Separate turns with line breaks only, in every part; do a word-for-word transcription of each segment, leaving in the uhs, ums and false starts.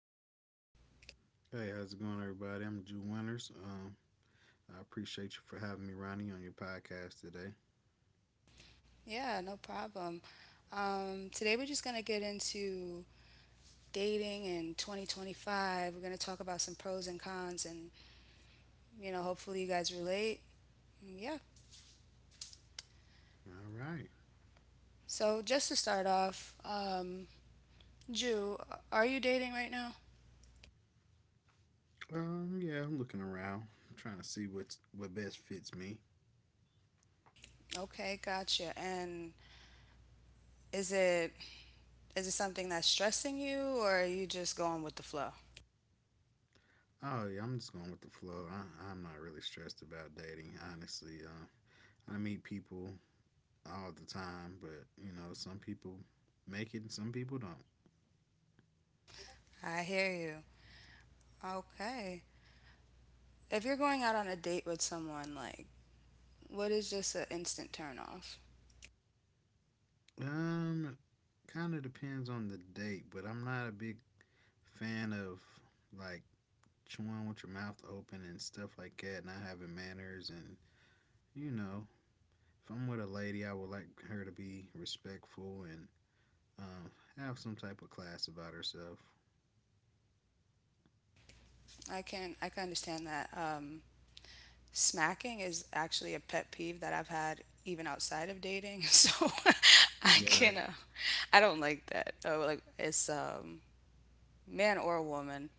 yourself?
Hey, how's it going, everybody? I'm Jew Winters. Um, I appreciate you for having me, Ronnie, on your podcast today.
Yeah, no problem. Um, today we're just going to get into dating in twenty twenty-five. We're going to talk about some pros and cons and, you know, hopefully you guys relate. Mm, yeah.
All right.
So just to start off, um, Drew, are you dating right now?
Um, yeah, I'm looking around, trying to see what's what best fits me.
Okay, gotcha. And is it is it something that's stressing you, or are you just going with the flow?
Oh yeah, I'm just going with the flow. I, I'm not really stressed about dating, honestly. Uh, I meet people all the time, but you know, some people make it, and some people don't.
I hear you. Okay. If you're going out on a date with someone, like, what is just an instant turn off?
Um, Kind of depends on the date, but I'm not a big fan of like chewing with your mouth open and stuff like that, not having manners, and you know, if I'm with a lady, I would like her to be respectful and um, have some type of class about herself.
I can I can understand that. Um, smacking is actually a pet peeve that I've had even outside of dating, so I
Right.
can uh, I don't like that. Oh, like it's um, man or woman,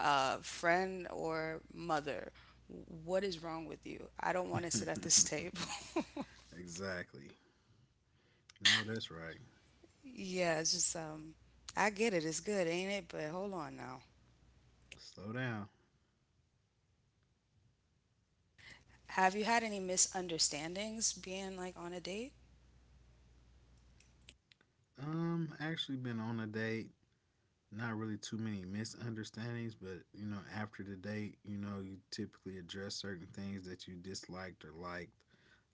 uh, friend or mother. What is wrong with you? I don't want to sit at this table.
Exactly. No, that's right.
Yeah, it's just um, I get it. It's good, ain't it? But hold on now.
Slow down.
Have you had any misunderstandings being like on a date?
Um, actually been on a date. Not really too many misunderstandings, but you know, after the date, you know, you typically address certain things that you disliked or liked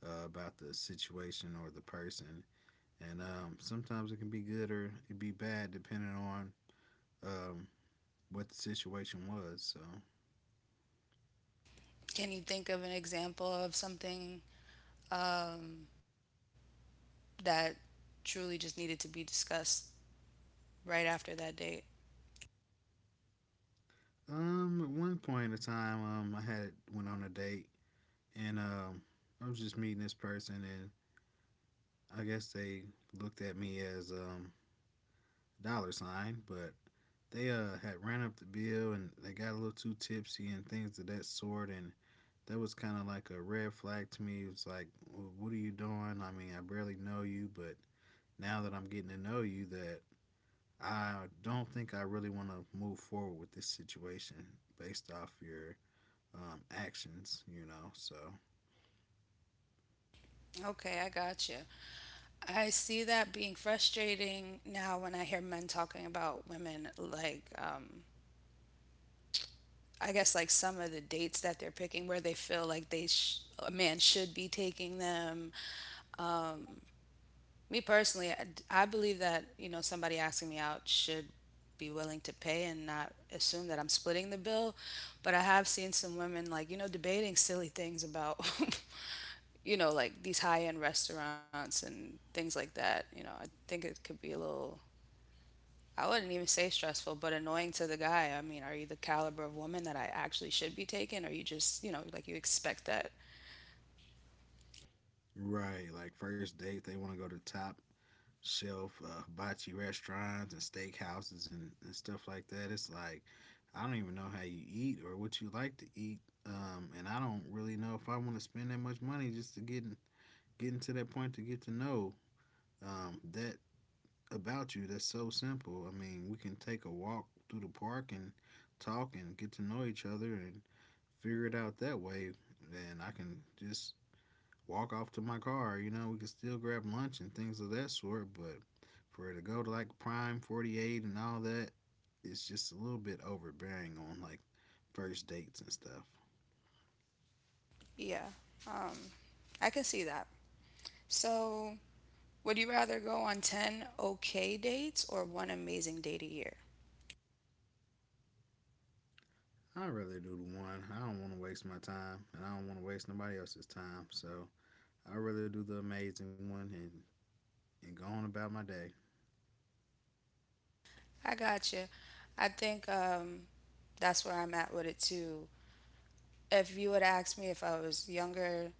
uh, about the situation or the person. And um, sometimes it can be good or it be bad depending on um, what the situation was. So,
Can you think of an example of something, um, that truly just needed to be discussed right after that date?
um, at one point in time, um, I had went on a date, and um, I was just meeting this person, and I guess they looked at me as um a dollar sign, but they uh had ran up the bill and they got a little too tipsy and things of that sort, and that was kind of like a red flag to me. It was like, what are you doing? I mean, I barely know you, but now that I'm getting to know you that I don't think I really want to move forward with this situation based off your um, actions, you know. So,
Okay, I got you. I see that being frustrating now when I hear men talking about women, like, um, I guess, like some of the dates that they're picking where they feel like they sh- a man should be taking them. Me personally, I, I believe that, you know, somebody asking me out should be willing to pay and not assume that I'm splitting the bill. But I have seen some women, like, you know, debating silly things about, you know, like these high end restaurants and things like that. You know, I think it could be a little, I wouldn't even say stressful, but annoying to the guy. I mean, are you the caliber of woman that I actually should be taking? Or you just, you know, like you expect that?
right, like first date, they want to go to top shelf uh, hibachi restaurants and steakhouses and, and stuff like that. It's like, I don't even know how you eat or what you like to eat. Um, and I don't really know if I want to spend that much money just to get, in- getting to that point to get to know um, that about you that's so simple. I mean, we can take a walk through the park and talk and get to know each other and figure it out that way. Then I can just walk off to my car. You know, we can still grab lunch and things of that sort. But for it to go to like Prime forty-eight and all that, it's just a little bit overbearing on like first dates and stuff.
Yeah, um, I can see that. So would you rather go on ten okay dates or one amazing date a year?
I'd rather do the one. I don't want to waste my time and I don't want to waste nobody else's time. So I'd rather do the amazing one and and go on about my day.
I got you. I think um, that's where I'm at with it too. If you would ask me if I was younger,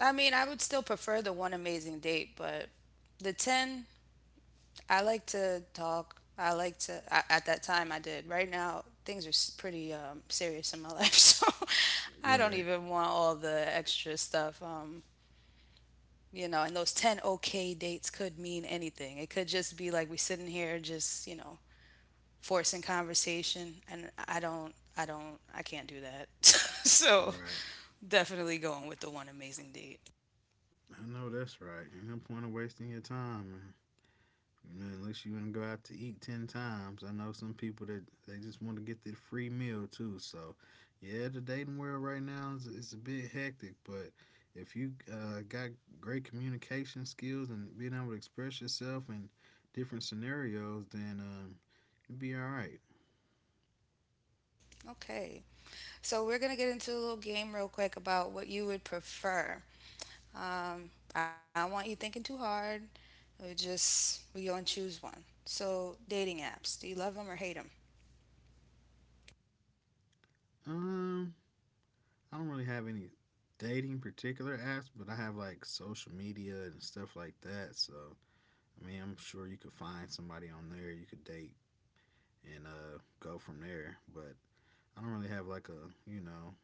I mean, I would still prefer the one amazing date, but the ten, I like to talk. I like to, I, at that time I did. Right now, things are s- pretty um, serious in my life, so I don't
Right.
even want all the extra stuff. Um, you know, and those ten okay dates could mean anything. It could just be like we sitting here just, you know, forcing conversation, and I don't I don't I can't do that. So
Right.
definitely going with the one amazing date.
I know that's right. Ain't no point of wasting your time, man. Man, unless you want to go out to eat ten times. I know some people that they just want to get the free meal too. So, yeah, the dating world right now is, is a bit hectic, but if you uh, got great communication skills and being able to express yourself in different scenarios, then um, you'll be all right.
Okay. So we're going to get into a little game real quick about what you would prefer. Um I don't want you thinking too hard. We just we gonna choose one. So dating apps, do you love them or hate them?
Um, I don't really have any dating particular apps, but I have like social media and stuff like that. So I mean, I'm sure you could find somebody on there you could date and uh, go from there. But I don't really have like a you know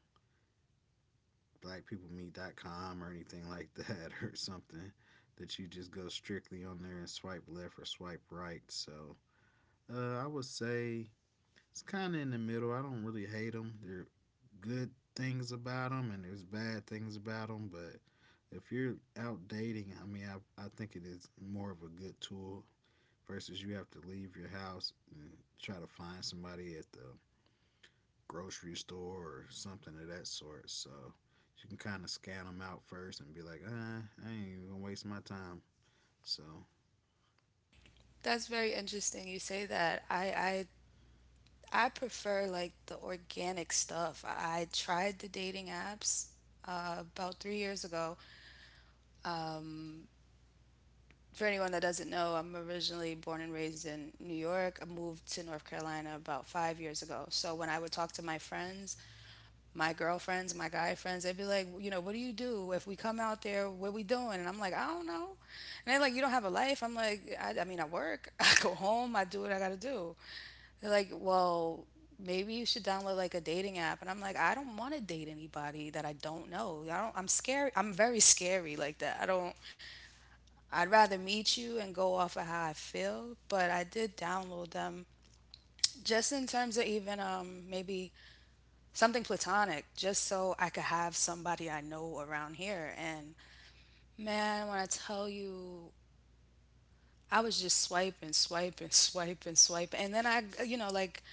black people meet dot com or anything like that or something that you just go strictly on there and swipe left or swipe right. So uh, I would say it's kind of in the middle. I don't really hate them. There are good things about them and there's bad things about them. But if you're out dating, I mean, I, I think it is more of a good tool versus you have to leave your house and try to find somebody at the grocery store or something of that sort. So you can kind of scan them out first and be like, ah, I ain't even gonna waste my time. So,
That's very interesting you say that. I, I I prefer like the organic stuff. I tried the dating apps uh, about three years ago. For anyone that doesn't know, I'm originally born and raised in New York. I moved to North Carolina about five years ago. So when I would talk to my friends, my girlfriends, my guy friends, they'd be like, you know, what do you do if we come out there? What we doing? And I'm like, I don't know. And they're like, you don't have a life. I'm like, I, I mean, I work. I go home. I do what I gotta do. They're like, well, maybe you should download like a dating app. And I'm like, I don't want to date anybody that I don't know. I don't, I'm scary. I'm very scary like that. I don't, I'd rather meet you and go off of how I feel. But I did download them just in terms of even um, maybe something platonic, just so I could have somebody I know around here. And man, when I tell you I was just swiping, swiping, swiping, swiping. And then I, you know, like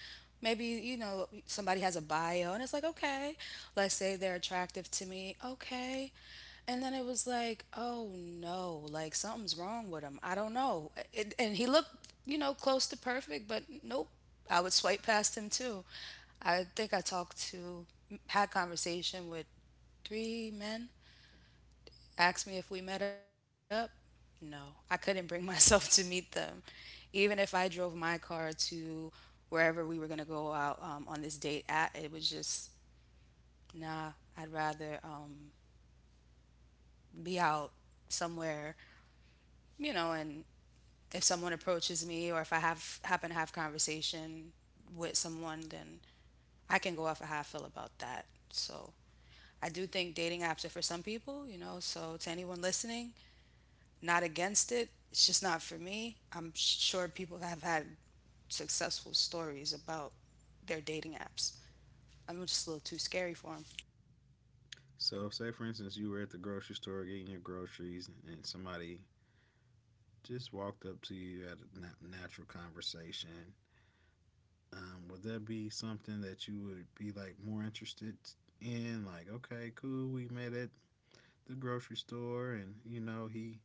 maybe, you know, somebody has a bio and it's like, okay, let's say they're attractive to me. Okay. And then it was like, oh no, like something's wrong with him. I don't know. It, and he looked, you know, close to perfect, but nope. I would swipe past him too. I think I talked to, had conversation with three men, asked me if we met up. No, I couldn't bring myself to meet them. Even if I drove my car to wherever we were going to go out um, on this date at, it was just, nah, I'd rather um, be out somewhere, you know, and if someone approaches me or if I have happen to have conversation with someone, then I can go off of how I feel about that. So I do think dating apps are for some people, you know, so to anyone listening, not against it. It's just not for me. I'm sure people have had successful stories about their dating apps. I'm just a little too scary for them.
so say for instance, you were at the grocery store getting your groceries, and somebody just walked up to you at a natural conversation, um, would that be something that you would be like more interested in? Like, okay, cool, we met at the grocery store, and you know he,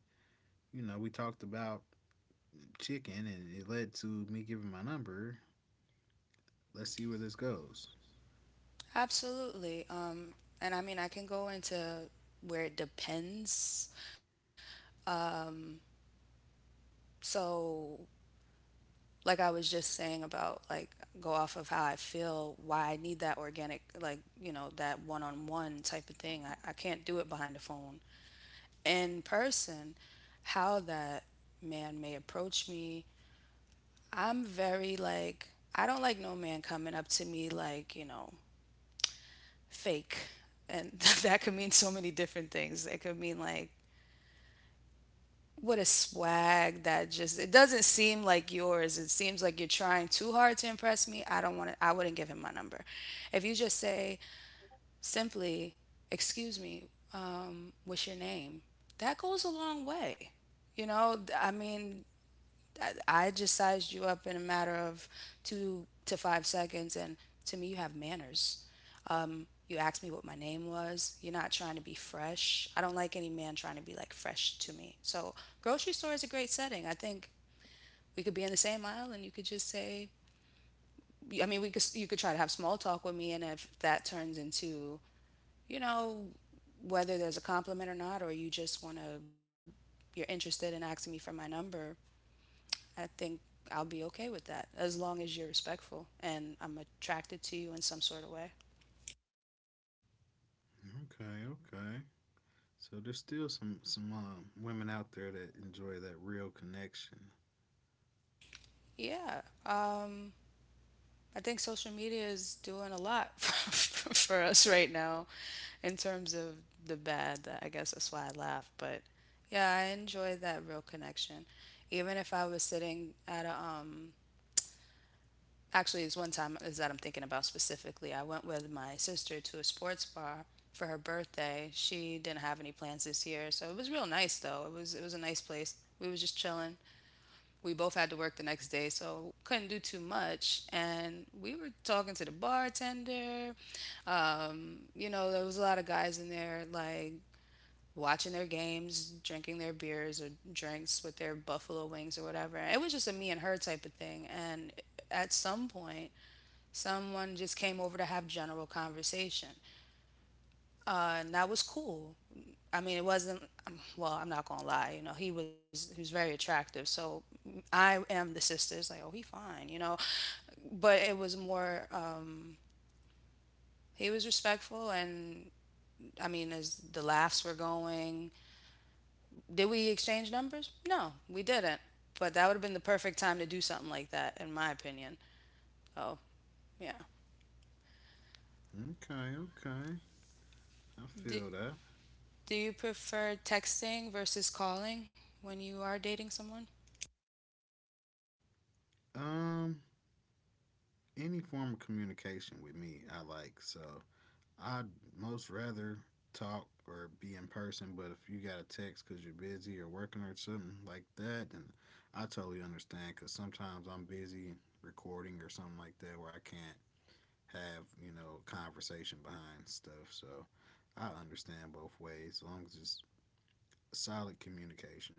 you know, we talked about chicken, and it led to me giving my number. Let's see where this goes.
Absolutely. Um, and I mean, I can go into where it depends. Um, So, like I was just saying about like go off of how I feel, why I need that organic, like, you know, that one on one type of thing. I, I can't do it behind the phone. In person, how that man may approach me. I'm very like, I don't like no man coming up to me like, you know, fake. And that could mean so many different things. It could mean like what a swag that just it doesn't seem like yours. It seems like you're trying too hard to impress me. I don't want to I wouldn't give him my number. If you just say simply, "Excuse me, um, what's your name?" That goes a long way. You know, I mean, I, I just sized you up in a matter of two to five seconds, and to me, you have manners. You asked me what my name was. You're not trying to be fresh. I don't like any man trying to be like fresh to me. So, grocery store is a great setting. I think we could be in the same aisle, and you could just say, I mean, we could you could try to have small talk with me, and if that turns into, you know, whether there's a compliment or not, or you just want to, you're interested in asking me for my number, I think I'll be okay with that as long as you're respectful and I'm attracted to you in some sort of way.
Okay, okay. So there's still some some um, women out there that enjoy that real connection.
Yeah. Um, I think social media is doing a lot for us right now in terms of the bad. That I guess that's why I laugh. But yeah, I enjoy that real connection. Even if I was sitting at a um, actually it's one time is that I'm thinking about specifically, I went with my sister to a sports bar for her birthday. She didn't have any plans this year, so it was real nice though. It was it was a nice place. We was just chilling. We both had to work the next day, so couldn't do too much, and we were talking to the bartender. um, you know, there was a lot of guys in there like watching their games, drinking their beers or drinks with their buffalo wings or whatever. It was just a me and her type of thing, and at some point someone just came over to have general conversation. Uh, and that was cool. I mean, it wasn't, um, well, I'm not going to lie, you know, he was, he was very attractive. So I am the sister. It's like, oh, he fine, you know, but it was more, um, he was respectful. And I mean, as the laughs were going, did we exchange numbers? No, we didn't. But that would have been the perfect time to do something like that, in my opinion. Oh, yeah.
Okay, okay. I
Do,
feel that.
Do you prefer texting versus calling when you are dating someone?
Um, any form of communication with me I like. So I'd most rather talk or be in person, but if you got a text because you're busy or working or something like that, then I totally understand because sometimes I'm busy recording or something like that where I can't have, you know, conversation behind stuff. So I understand both ways as long as it's solid communication.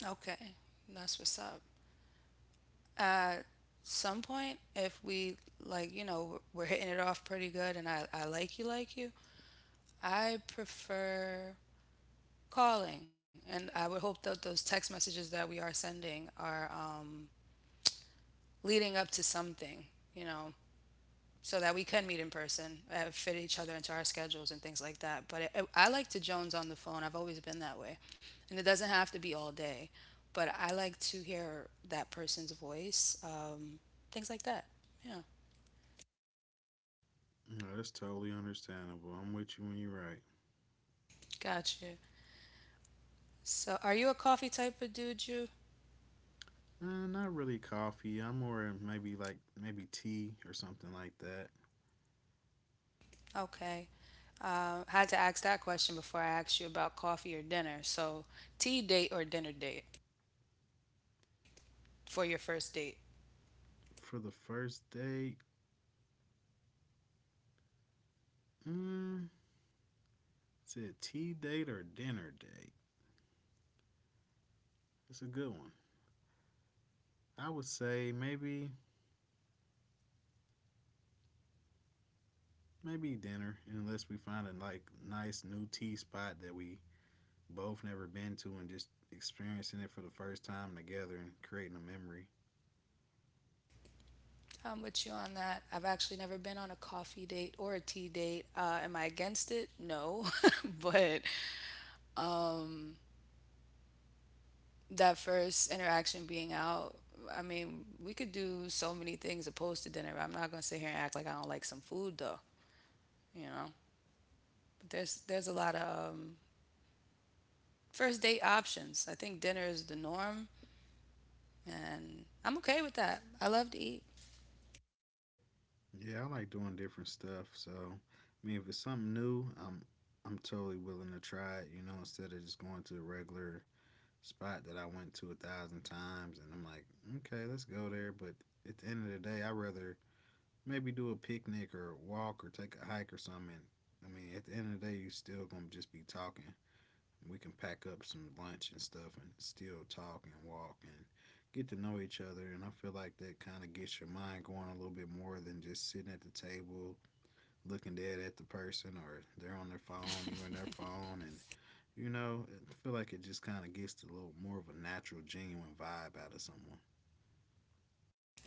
Okay, that's what's up. At some point, if we like, you know, we're hitting it off pretty good and I, I like you, like you, I prefer calling. And I would hope that those text messages that we are sending are um, leading up to something, you know, so that we could meet in person, uh, fit each other into our schedules and things like that. But it, it, I like to Jones on the phone. I've always been that way. And it doesn't have to be all day, but I like to hear that person's voice, um, things like that. Yeah,
No, that's totally understandable. I'm with you when you're right.
gotcha. So, are you a coffee type of dude, you?
Uh, not really coffee. I'm more maybe like maybe tea or something like that.
Okay. Uh, had to ask that question before I asked you about coffee or dinner. So, tea date or dinner date for your first date?
For the first date, mm, is it tea date or dinner date? It's a good one. I would say maybe maybe dinner, unless we find a like nice new tea spot that we both never been to and just experiencing it for the first time together and creating a memory.
I'm with you on that. I've actually never been on a coffee date or a tea date. Uh, am I against it? No. But um, that first interaction being out, I mean, we could do so many things opposed to dinner. I'm not gonna sit here and act like I don't like some food though, you know. But there's there's a lot of um, first date options. I think dinner is the norm, and I'm okay with that. I love to eat.
Yeah, I like doing different stuff. So, I mean, if it's something new, I'm I'm totally willing to try it. You know, instead of just going to a regular spot that I went to a thousand times, and I'm like, okay, let's go there. But at the end of the day, I rather maybe do a picnic or walk or take a hike or something. I mean, at the end of the day, you are still gonna just be talking. We can pack up some lunch and stuff and still talk and walk and get to know each other. And I feel like that kind of gets your mind going a little bit more than just sitting at the table looking dead at the person or they're on their phone, you are on their phone, and you know, I feel like it just kind of gets a little more of a natural, genuine vibe out of someone.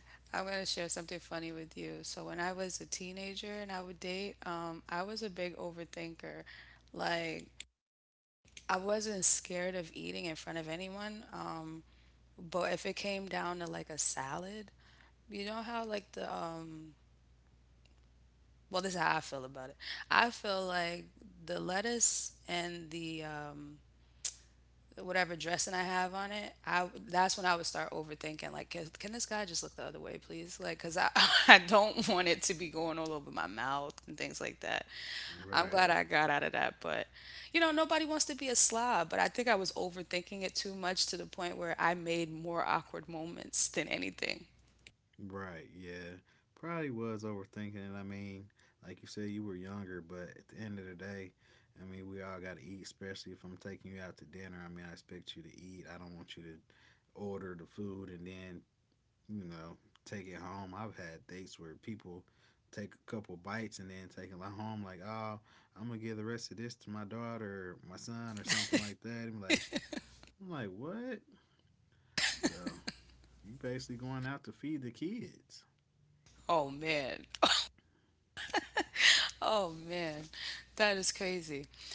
I'm gonna share something funny with you. So when I was a teenager and I would date, um, I was a big overthinker. Like, I wasn't scared of eating in front of anyone. Um, but if it came down to like a salad, you know how like the um, well, this is how I feel about it. I feel like the lettuce and the um, whatever dressing I have on it, I that's when I would start overthinking. Like, can, can this guy just look the other way, please? Like, cause I I don't want it to be going all over my mouth and things like that. I'm
Right.
glad I got out of that, but you know, nobody wants to be a slob. But I think I was overthinking it too much to the point where I made more awkward moments than anything.
Right. Yeah. Probably was overthinking it. I mean, like you said, you were younger, but at the end of the day, I mean, we all got to eat, especially if I'm taking you out to dinner. I mean, I expect you to eat. I don't want you to order the food and then you know, take it home. I've had dates where people take a couple bites and then take it li- home like, oh, I'm gonna give the rest of this to my daughter or my son or something like that. I'm like, I'm like, what? So you basically going out to feed the kids.
Oh man, oh man, that is crazy.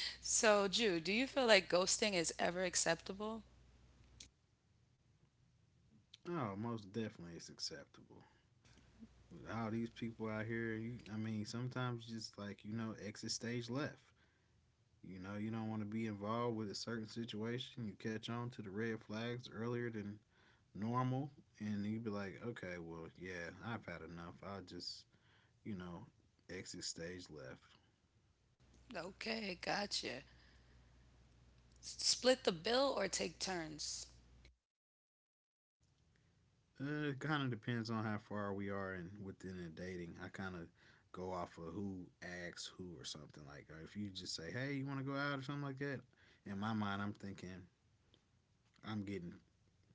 So, Jew, do you feel like ghosting is ever acceptable?
Oh, most definitely it's acceptable. With all these people out here, you, I mean, sometimes just like, you know, exit stage left. You know, you don't want to be involved with a certain situation. You catch on to the red flags earlier than normal, and you'd be like, okay, well, yeah, I've had enough. I'll just, you know, exit stage left.
Okay, gotcha. Split the bill or take turns?
Uh, it kind of depends on how far we are and within a dating. I kind of go off of who asks who or something like. Or if you just say, "Hey, you want to go out?" or something like that, in my mind, I'm thinking I'm getting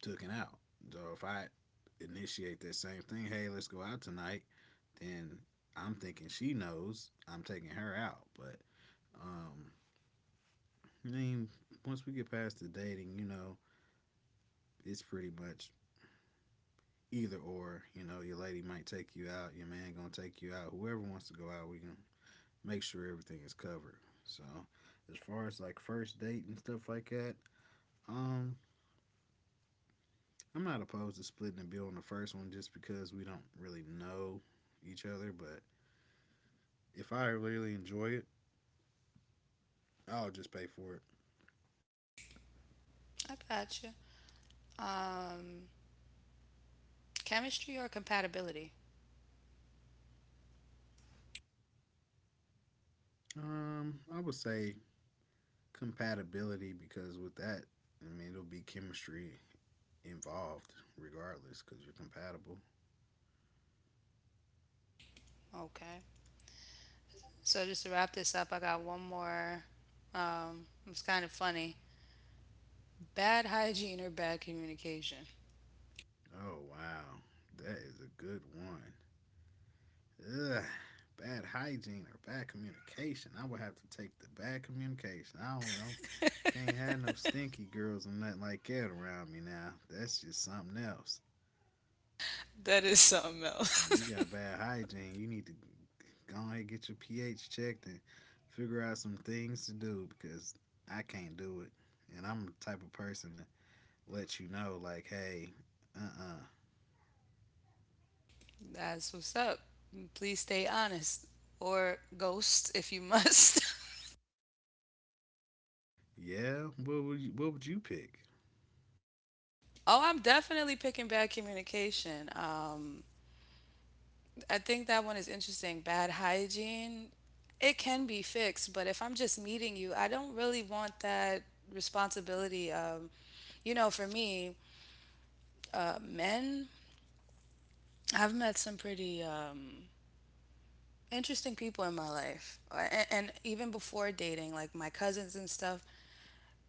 taken out. So if I initiate that same thing, "Hey, let's go out tonight," then I'm thinking she knows I'm taking her out. But um, I mean, once we get past the dating, you know, it's pretty much either or. You know, your lady might take you out, your man gonna take you out. Whoever wants to go out, we can make sure everything is covered. So, as far as like first date and stuff like that, um, I'm not opposed to splitting the bill on the first one just because we don't really know each other. But if I really enjoy it, I'll just pay for it.
I got you. Um, chemistry or compatibility?
Um, I would say compatibility because with that, I mean it'll be chemistry involved regardless because you're compatible.
Okay. So just to wrap this up, I got one more. Um, it's kind of funny. Bad hygiene or bad communication?
Oh, wow. That is a good one. Ugh. Bad hygiene or bad communication. I would have to take the bad communication. I don't know. Can't have no stinky girls or nothing like that around me now. That's just something else.
That is something
You got
else.
bad hygiene. You need to go ahead and get your pH checked and figure out some things to do because I can't do it. And I'm the type of person that lets you know, like, hey, uh uh
That's what's up. Please stay honest or ghost if you must.
yeah, what would you, what would you pick?
Oh, I'm definitely picking bad communication. Um, I think that one is interesting. Bad hygiene, it can be fixed, but if I'm just meeting you, I don't really want that responsibility. Um, you know, for me, uh, men, I've met some pretty um, interesting people in my life, and, and even before dating, like my cousins and stuff.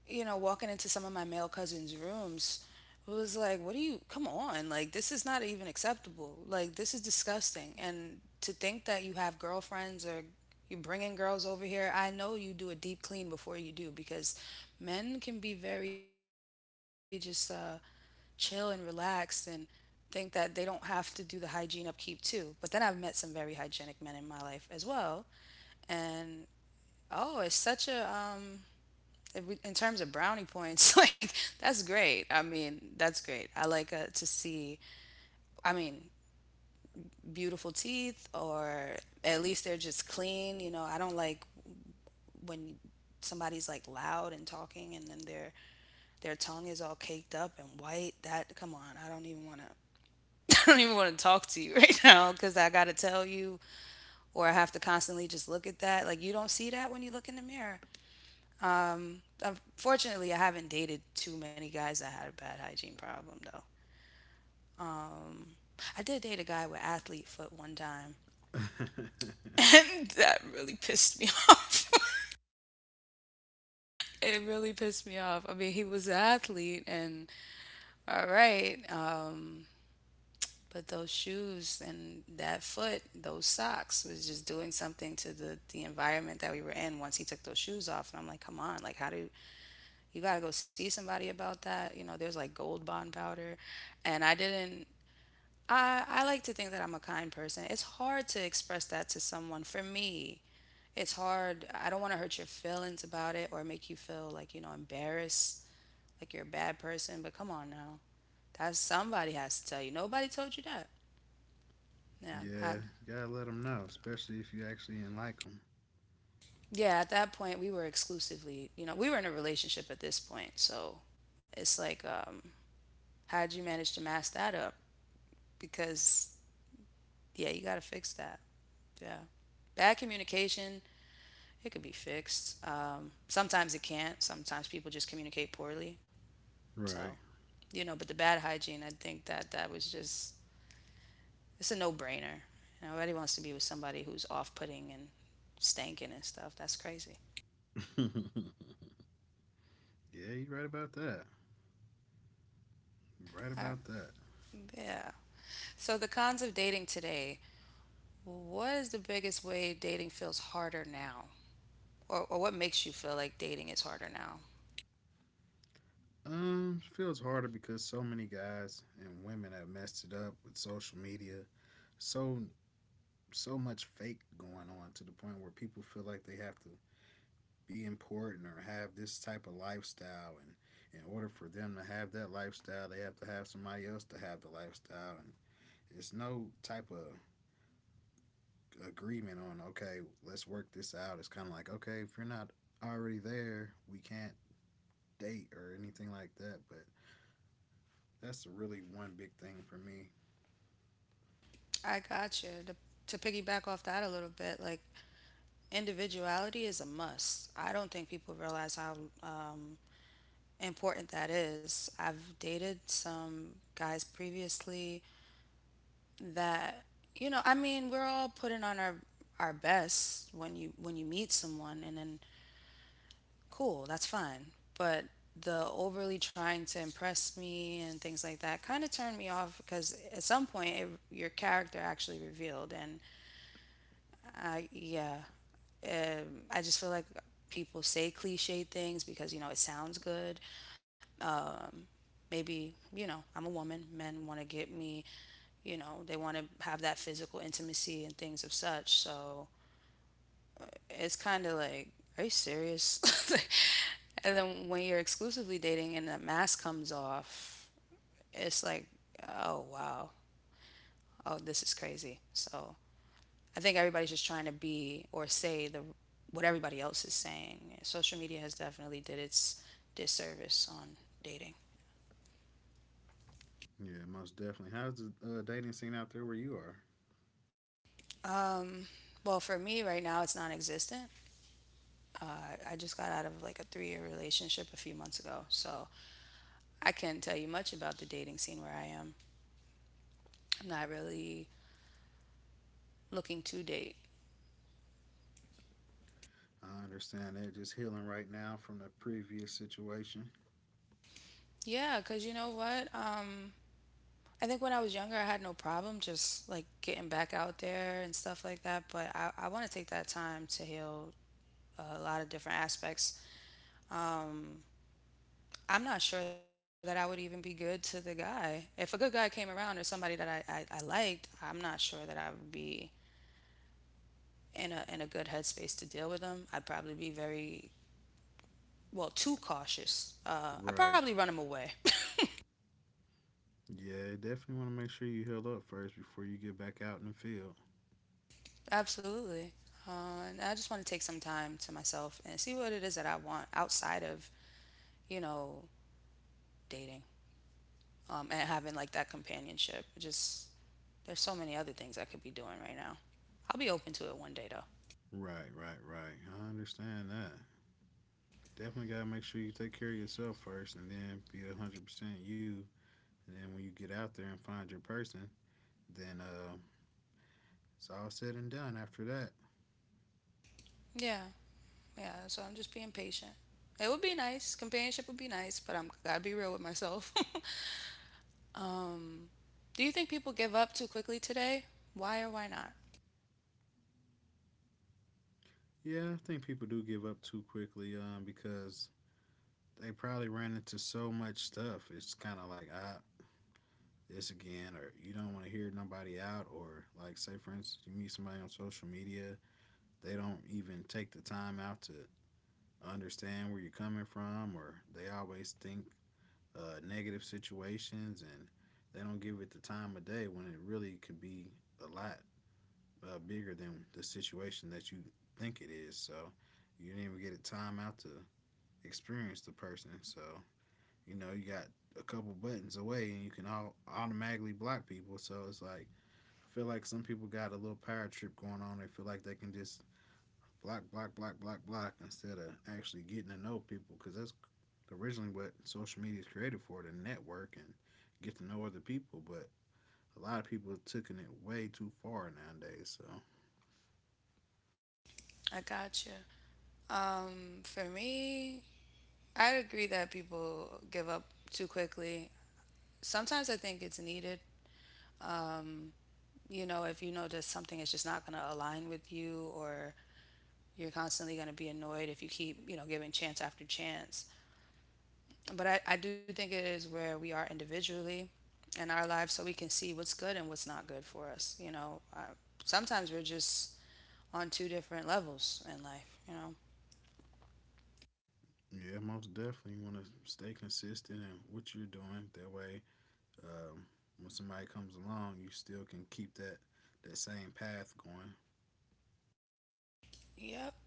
You know, walking into some of my male cousins' rooms it was like, what do you, come on, like, this is not even acceptable. Like, this is disgusting. And to think that you have girlfriends or you're bringing girls over here, I know you do a deep clean before you do because men can be very just uh, chill and relaxed and think that they don't have to do the hygiene upkeep too. But then I've met some very hygienic men in my life as well. And oh, it's such a, um, if we, in terms of brownie points, like that's great. I mean, that's great. I like uh, to see, I mean, beautiful teeth, or at least they're just clean. You know, I don't like when somebody's like loud and talking, and then their their tongue is all caked up and white. That come on, I don't even want to. I don't even want to talk to you right now because I got to tell you, or I have to constantly just look at that. Like you don't see that when you look in the mirror. Um, unfortunately, I haven't dated too many guys that had a bad hygiene problem though. Um, I did date a guy with athlete foot one time,
yeah,
and that really pissed me off. It really pissed me off. I mean, he was an athlete, and all right, um, but those shoes and that foot, those socks, was just doing something to the the environment that we were in. Once he took those shoes off, and I'm like, come on, like how do you got to go see somebody about that. You know, there's like gold bond powder. And I didn't, I, I like to think that I'm a kind person. It's hard to express that to someone. For me, it's hard. I don't want to hurt your feelings about it or make you feel like, you know, embarrassed, like you're a bad person. But come on now. That's somebody has to tell you. Nobody told you that. Yeah. I,
you gotta let them know, especially if you actually didn't like them.
yeah. At that point, we were exclusively, you know, we were in a relationship at this point. So it's like, um, how'd you manage to mask that up? Because yeah, you got to fix that. Yeah. Bad communication, it could be fixed. Um, sometimes it can't. Sometimes people just communicate poorly. So,
Right.
you know, but the bad hygiene, I think that that was just, it's a no brainer. You know, nobody wants to be with somebody who's off putting and stinking and stuff. That's crazy.
yeah, you're right about that. Right
I,
about that.
yeah. So, the cons of dating today, what is the biggest way dating feels harder now? Or, or what makes you feel like dating is harder now?
Um, it feels harder because so many guys and women have messed it up with social media. So so much fake going on to the point where people feel like they have to be important or have this type of lifestyle, and in order for them to have that lifestyle they have to have somebody else to have the lifestyle, and it's no type of agreement on, okay, let's work this out. It's kind of like, okay, if you're not already there, we can't date or anything like that. But that's really one big thing for me.
I got you. To, to piggyback off that a little bit, like individuality is a must. I don't think people realize how um, important that is. I've dated some guys previously that, you know, I mean, we're all putting on our our best when you when you meet someone, and then cool, that's fine. But the overly trying to impress me and things like that kind of turned me off because at some point it, your character actually revealed and I yeah. Um, I just feel like people say cliche things because you know it sounds good. Um, maybe you know I'm a woman. Men want to get me. You know they want to have that physical intimacy and things of such. So it's kind of like, are you serious? And then when you're exclusively dating and the mask comes off, it's like, oh wow, oh this is crazy. So I think everybody's just trying to be or say the what everybody else is saying. Social media has definitely did its disservice on dating.
Yeah, most definitely. How's the uh, dating scene out there where you are?
Um, well, for me right now, it's non-existent. Uh, I just got out of like a three-year relationship a few months ago, so I can't tell you much about the dating scene where I am. I'm not really looking to date.
I understand they're just healing right now from the previous situation.
Yeah, cause you know what? Um, I think when I was younger, I had no problem just like getting back out there and stuff like that. But I, I want to take that time to heal a lot of different aspects. Um, I'm not sure that I would even be good to the guy. If a good guy came around or somebody that I, I, I liked, I'm not sure that I would be in a in a good headspace to deal with them. I'd probably be very well too cautious. Uh, I'd
Right.
probably run them away.
Yeah, definitely want to make sure you heal up first before you get back out in the field.
Absolutely. Uh, and I just want to take some time to myself and see what it is that I want outside of you know dating um, and having like that companionship. Just there's so many other things I could be doing right now. I'll be open to it one day though.
Right, right, right. I understand that. Definitely gotta make sure you take care of yourself first, and then be one hundred percent you. And then when you get out there and find your person, then uh, it's all said and done after that.
Yeah. Yeah. So I'm just being patient. It would be nice. Companionship would be nice, but I'm gotta be real with myself. Um, do you think people give up too quickly today? Why or why not?
Yeah, I think people do give up too quickly um, because they probably ran into so much stuff. It's kind of like, ah, this again, or you don't want to hear nobody out, or, like, say, for instance, you meet somebody on social media, they don't even take the time out to understand where you're coming from, or they always think uh, negative situations, and they don't give it the time of day when it really could be a lot uh, bigger than the situation that you think it is. So you didn't even get a time out to experience the person. So you know you got a couple buttons away and you can all automatically block people. So it's like I feel like some people got a little power trip going on. They feel like they can just block, block, block, block, block instead of actually getting to know people, because that's originally what social media is created for, to network and get to know other people. But a lot of people have taken it way too far nowadays. So,
I got you. Um, for me, I agree that people give up too quickly. Sometimes I think it's needed. Um, you know, if you know that something is just not going to align with you or you're constantly going to be annoyed if you keep, you know, giving chance after chance. But I, I do think it is where we are individually in our lives so we can see what's good and what's not good for us. You know, I, sometimes we're just on two different levels in life, you know.
yeah, most definitely you want to stay consistent in what you're doing. That way, um, when somebody comes along, you still can keep that, that same path going.
Yep.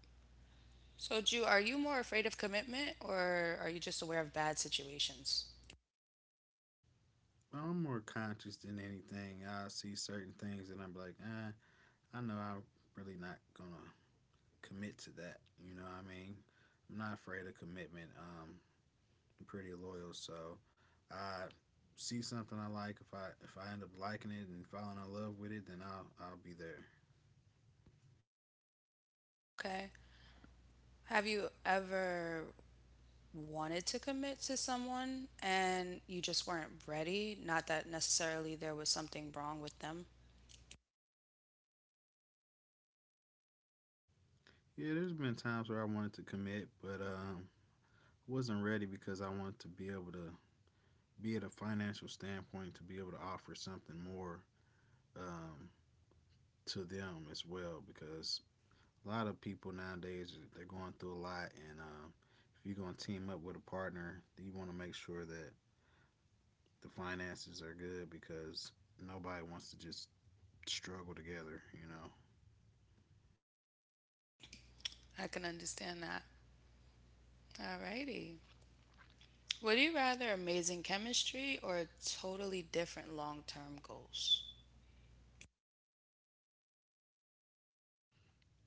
So, Ju, are you more afraid of commitment or are you just aware of bad situations?
But I'm more conscious than anything. I see certain things and I'm like, eh, I know I'm really not going to commit to that. You know what I mean? I'm not afraid of commitment. Um, I'm pretty loyal, so I see something I like. If I if I end up liking it and falling in love with it, then I'll I'll be there.
Okay. Have you ever wanted to commit to someone and you just weren't ready? Not that necessarily there was something wrong with them,
Yeah, there's been times where I wanted to commit, but um, wasn't ready because I wanted to be able to be at a financial standpoint to be able to offer something more, um, to them as well, because a lot of people nowadays they're going through a lot, and um, if you're going to team up with a partner, you want to make sure that the finances are good, because nobody wants to just struggle together. You know,
I can understand that. Alrighty. Would you rather amazing chemistry or totally different long term goals?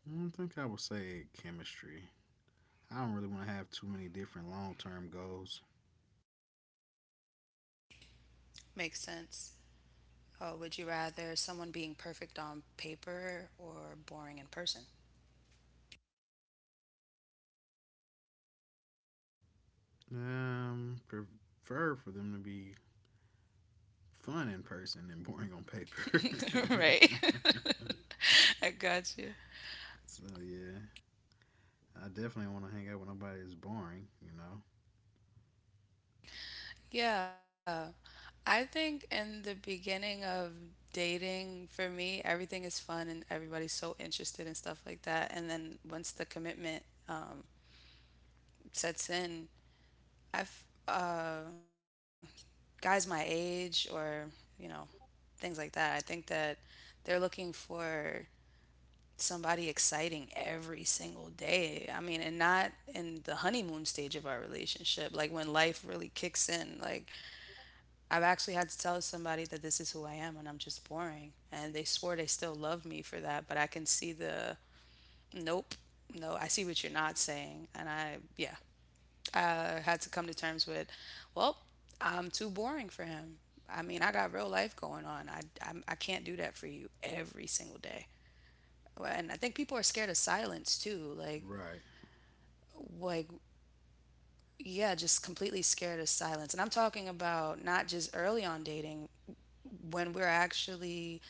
I don't think I would say chemistry. I don't really want to have too many different long term goals.
Makes sense. Uh, would you rather someone being perfect on paper or boring in person?
Um, prefer for them to be fun in person and boring on paper.
Right. I got you.
so yeah, I definitely want to hang out with nobody that's boring. You know.
Yeah. I think in the beginning of dating, for me, everything is fun and everybody's so interested and stuff like that. And then once the commitment um, sets in, I f- uh, guys my age or, you know, things like that. I think that they're looking for somebody exciting every single day. I mean, and not in the honeymoon stage of our relationship, like when life really kicks in. Like, I've actually had to tell somebody that this is who I am and I'm just boring. And they swore they still loved me for that, but I can see the nope, no, I see what you're not saying. And I, yeah, I had to come to terms with, well, I'm too boring for him. I mean, I got real life going on. I, I, I can't do that for you every single day. Well, and I think people are scared of silence too. Like,
Right,
like, yeah, just completely scared of silence. And I'm talking about not just early on dating, when we're actually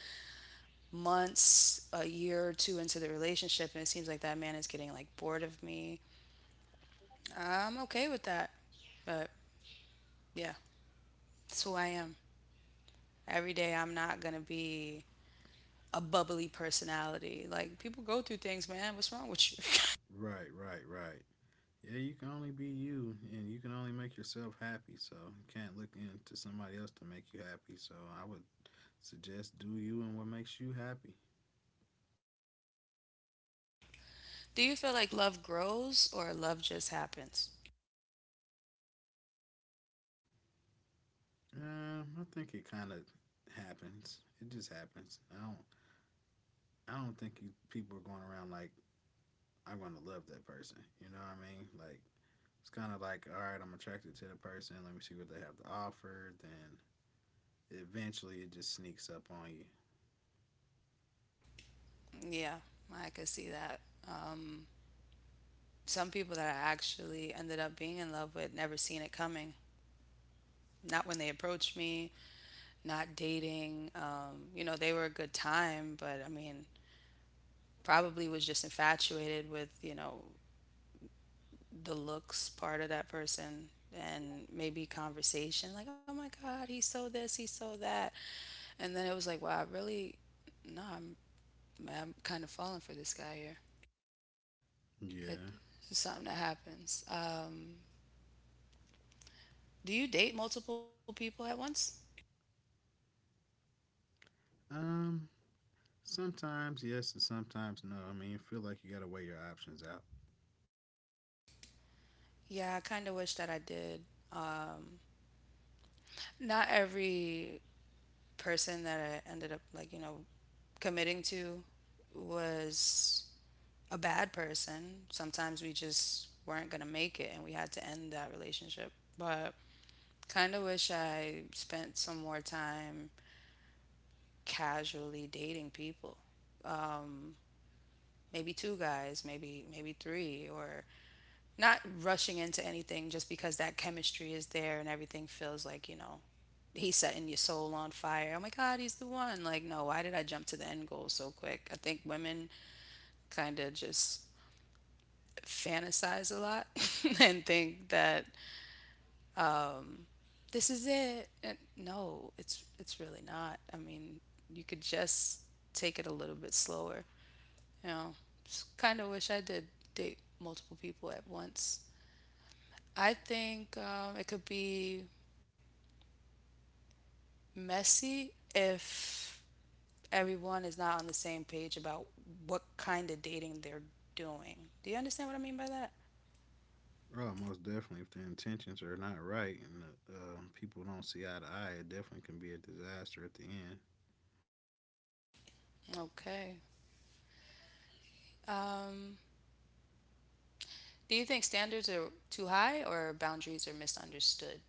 months, a year or two into the relationship, and it seems like that man is getting like bored of me. I'm okay with that. But yeah, that's who I am. Every day I'm not going to be a bubbly personality. Like people go through things, man. What's wrong with you?
right, right, right. Yeah, you can only be you, and you can only make yourself happy. So you can't look into somebody else to make you happy. So I would suggest do you and what makes you happy.
Do you feel like love grows or love just happens?
Um, I think it kind of happens. It just happens. I don't. I don't think you, people are going around like I'm going to love that person. You know what I mean? Like it's kind of like, all right, I'm attracted to the person. Let me see what they have to offer. Then eventually, it just sneaks up on you.
Yeah, I could see that. Um, some people that I actually ended up being in love with never seen it coming. Not when they approached me, not dating. Um, you know, they were a good time, but I mean, probably was just infatuated with, you know, the looks part of that person and maybe conversation. Like, oh my God, he's so this, he's so that. And then it was like, wow, I really, no, I'm, I'm kind of falling for this guy here. It,
Yeah.
it's just something that happens. Um, do you date multiple people at once?
Um, Sometimes yes and sometimes no. I mean, you feel like you got to weigh your options out.
Yeah, I kind of wish that I did. Um, Not every person that I ended up like, you know, committing to was a bad person. Sometimes we just weren't going to make it and we had to end that relationship. But kind of wish I spent some more time casually dating people. Um, Maybe two guys, maybe maybe three, or not rushing into anything just because that chemistry is there and everything feels like you know he's setting your soul on fire. Oh my God, he's the one. Like, no, why did I jump to the end goal so quick? I think women kind of just fantasize a lot and think that um, this is it. And no, it's it's really not. I mean, you could just take it a little bit slower. You know, kind of wish I did date multiple people at once. I think um, it could be messy if everyone is not on the same page about what kind of dating they're doing. Do you understand what I mean by that?
Oh, most definitely. If the intentions are not right and uh, people don't see eye to eye, it definitely can be a disaster at the end.
Okay. Um, do you think standards are too high or boundaries are misunderstood?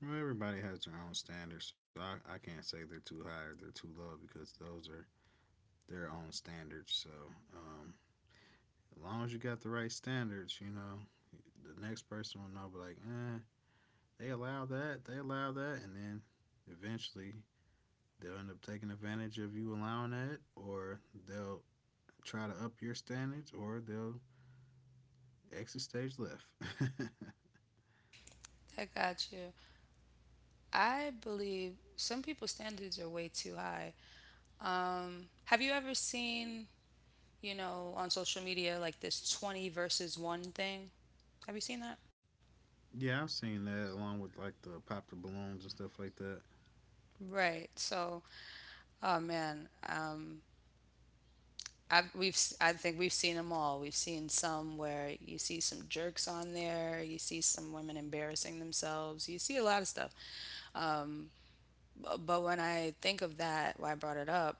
Well, everybody has their own standards, so I, I can't say they're too high or they're too low, because those are their own standards. So um, as long as you got the right standards, you know, the next person will know, be like, eh, they allow that, they allow that, and then eventually they'll end up taking advantage of you allowing that, or they'll try to up your standards, or they'll exit stage left.
I got you. I believe some people's standards are way too high. Um, have you ever seen, you know, on social media, like this twenty versus one thing. Have you seen that?
yeah, I've seen that along with like the pop the balloons and stuff like that.
Right. So, oh man, um, I've, we've s- I think we've seen them all. We've seen some where you see some jerks on there, you see some women embarrassing themselves, you see a lot of stuff. Um, bu- but when I think of that, why I brought it up,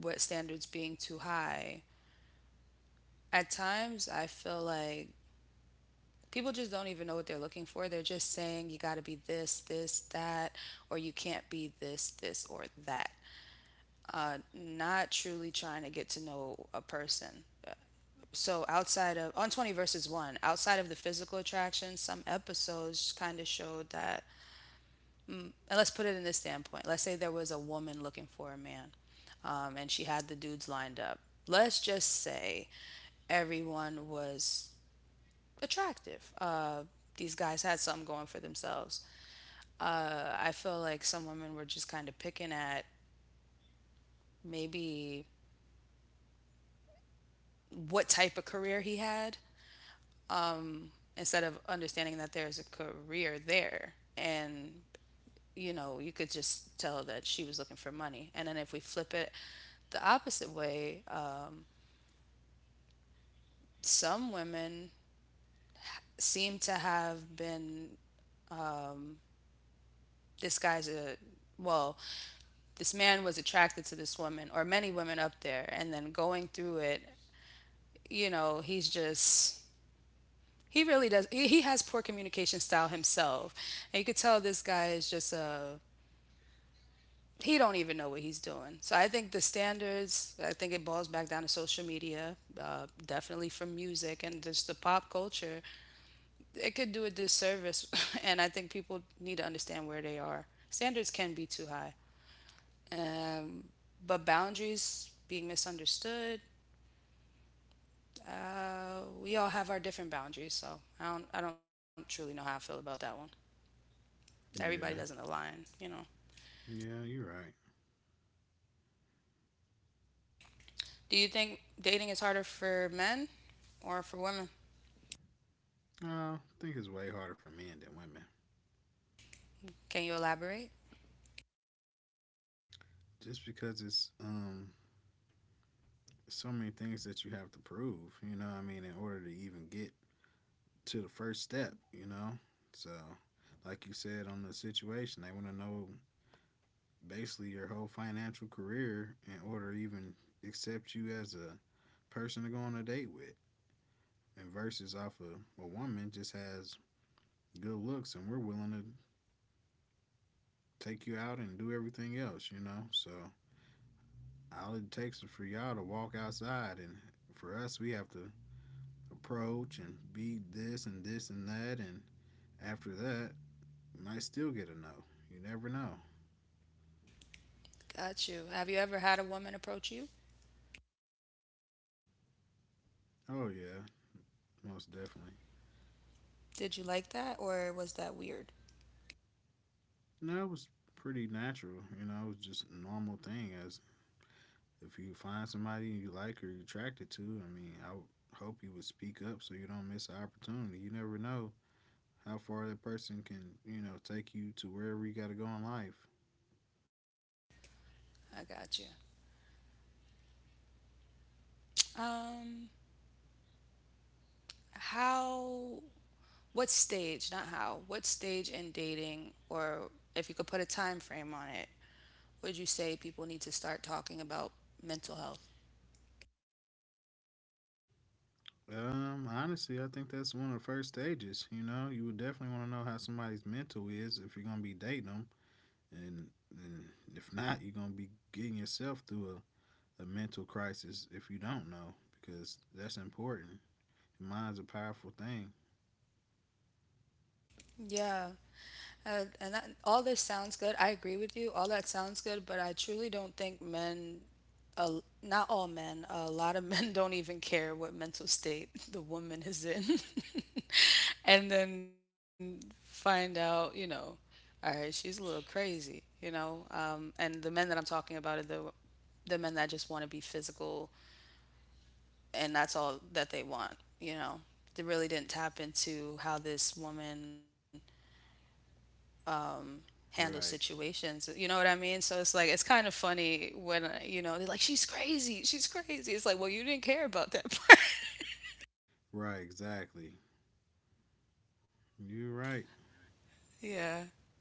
what standards being too high, at times I feel like people just don't even know what they're looking for. They're just saying you got to be this, this, that, or you can't be this, this, or that. Uh, not truly trying to get to know a person. So outside of on twenty versus one, outside of the physical attraction, some episodes kind of showed that mm, and let's put it in this standpoint. Let's say there was a woman looking for a man, um, and she had the dudes lined up. Let's just say everyone was attractive. Uh, these guys had something going for themselves. Uh, I feel like some women were just kind of picking at maybe what type of career he had instead of understanding that there's a career there. And, you know, you could just tell that she was looking for money. And then if we flip it the opposite way, uh, some women seem to have been this guy's a well, this man was attracted to this woman, or many women up there, and then going through it you know, he's just he really does he, he has poor communication style himself. And you could tell this guy is just a he don't even know what he's doing. So I think the standards, I think it boils back down to social media, uh, definitely from music and just the pop culture. It could do a disservice, and I think people need to understand where they are. Standards can be too high, um, but boundaries being misunderstood. Uh, we all have our different boundaries, so I don't, I don't truly know how I feel about that one. Everybody doesn't
Yeah,
align, you know.
yeah, you're right.
Do you think dating is harder for men or for women?
Uh, I think it's way harder for men than women,
Can you elaborate?
just because it's um so many things that you have to prove. You know what I mean, in order to even get to the first step, you know. So, like you said on the situation, they want to know basically your whole financial career in order to even accept you as a person to go on a date with. And versus off of a woman just has good looks and we're willing to take you out and do everything else, you know? So all it takes is for y'all to walk outside, and for us we have to approach and be this and this and that, and after that you might still get a no. You never know.
Got you. Have you ever had a woman approach you?
Oh yeah, most definitely.
Did you like that or was that weird?
No, it was pretty natural, you know, it was just a normal thing. As if you find somebody you like or you're attracted to, I mean, I would hope you would speak up so you don't miss an opportunity. You never know how far that person can, you know, take you to wherever you got to go in life.
I got you. Um, how, what stage, not how, what stage in dating or if you could put a time frame on it, would you say people need to start talking about mental health?
Um, honestly, I think that's one of the first stages. You know, you would definitely want to know how somebody's mental is if you're gonna be dating them, and, and if not, you're gonna be getting yourself through a, a mental crisis if you don't know, because that's important. Your mind's a powerful thing.
Yeah, Uh, and that, all this sounds good. I agree with you. All that sounds good, but I truly don't think men, uh, not all men, a lot of men don't even care what mental state the woman is in. And then find out, you know, all right, she's a little crazy, you know. Um, and the men that I'm talking about are the the men that just want to be physical, and that's all that they want, you know. They really didn't tap into how this woman handle
Right.
situations. You know what I mean? So it's like it's kind of funny when uh, you know they're like, "She's crazy, she's crazy." It's like, well, you didn't care about that part.
Right. Exactly. You're right.
Yeah.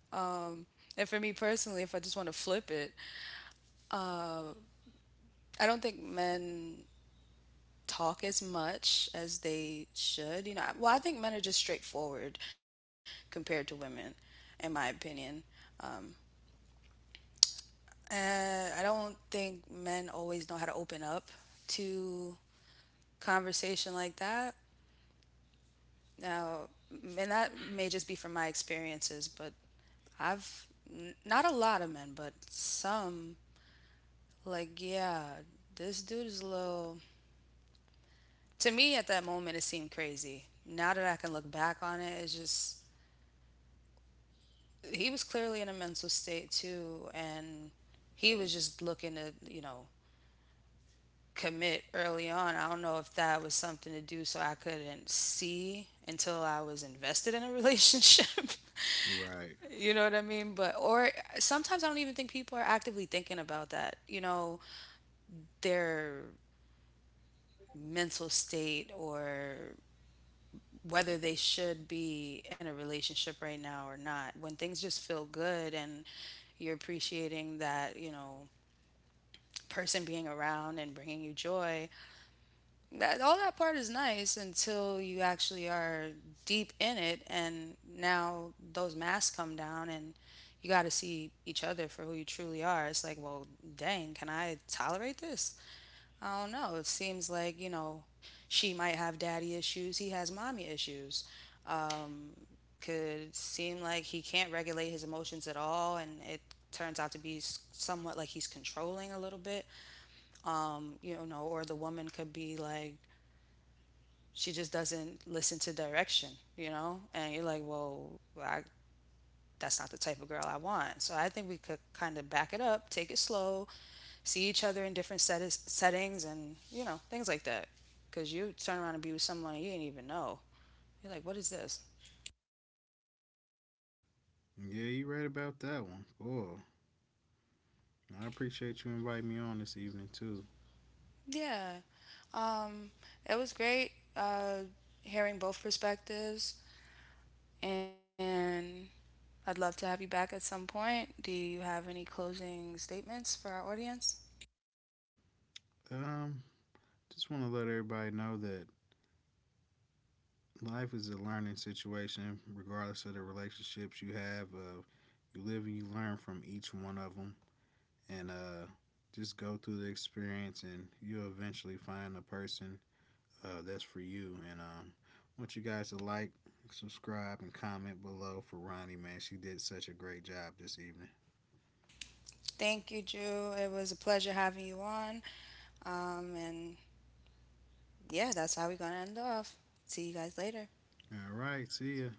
Um, and for me personally, if I just want to flip it, uh, I don't think men talk as much as they should. You know, I- well, I think men are just straightforward compared to women, in my opinion. Uh, I don't think men always know how to open up to conversation like that. Now, and that may just be from my experiences, but I've n- not a lot of men, but some like yeah, this dude is a little. To me, at that moment, it seemed crazy. Now that I can look back on it, it's just he was clearly in a mental state too, and he was just looking to you know commit early on. I don't know if that was something to do so I couldn't see until I was invested in a relationship.
Right.
You know what I mean? But or sometimes I don't even think people are actively thinking about that. You know, their mental state or whether they should be in a relationship right now or not. When things just feel good and you're appreciating that, you know, person being around and bringing you joy, that all that part is nice until you actually are deep in it and now those masks come down and you got to see each other for who you truly are, it's like, well, dang, can I tolerate this? I don't know, it seems like, you know, she might have daddy issues, he has mommy issues. um could seem like he can't regulate his emotions at all and it turns out to be s- somewhat like he's controlling a little bit. Um you know, or the woman could be like she just doesn't listen to direction, you know? And you're like, well, I, that's not the type of girl I want. So I think we could kind of back it up, take it slow, see each other in different set- settings and, you know, things like that. Because you turn around and be with someone you didn't even know. You're like, what is this?
Yeah, you're right about that one. Oh, I appreciate you inviting me on this evening too.
Yeah. Um, it was great uh, hearing both perspectives. And I'd love to have you back at some point. Do you have any closing statements for our audience?
Um, just want to let everybody know that life is a learning situation, regardless of the relationships you have. Uh, you live and you learn from each one of them, and uh, just go through the experience, and you'll eventually find the person uh, that's for you. And um, I want you guys to like, subscribe, and comment below for Ronnie. Man, she did such a great job this evening.
Thank you, Drew. It was a pleasure having you on. Um, and yeah, that's how we're going to end off. See you guys later.
All right. See ya.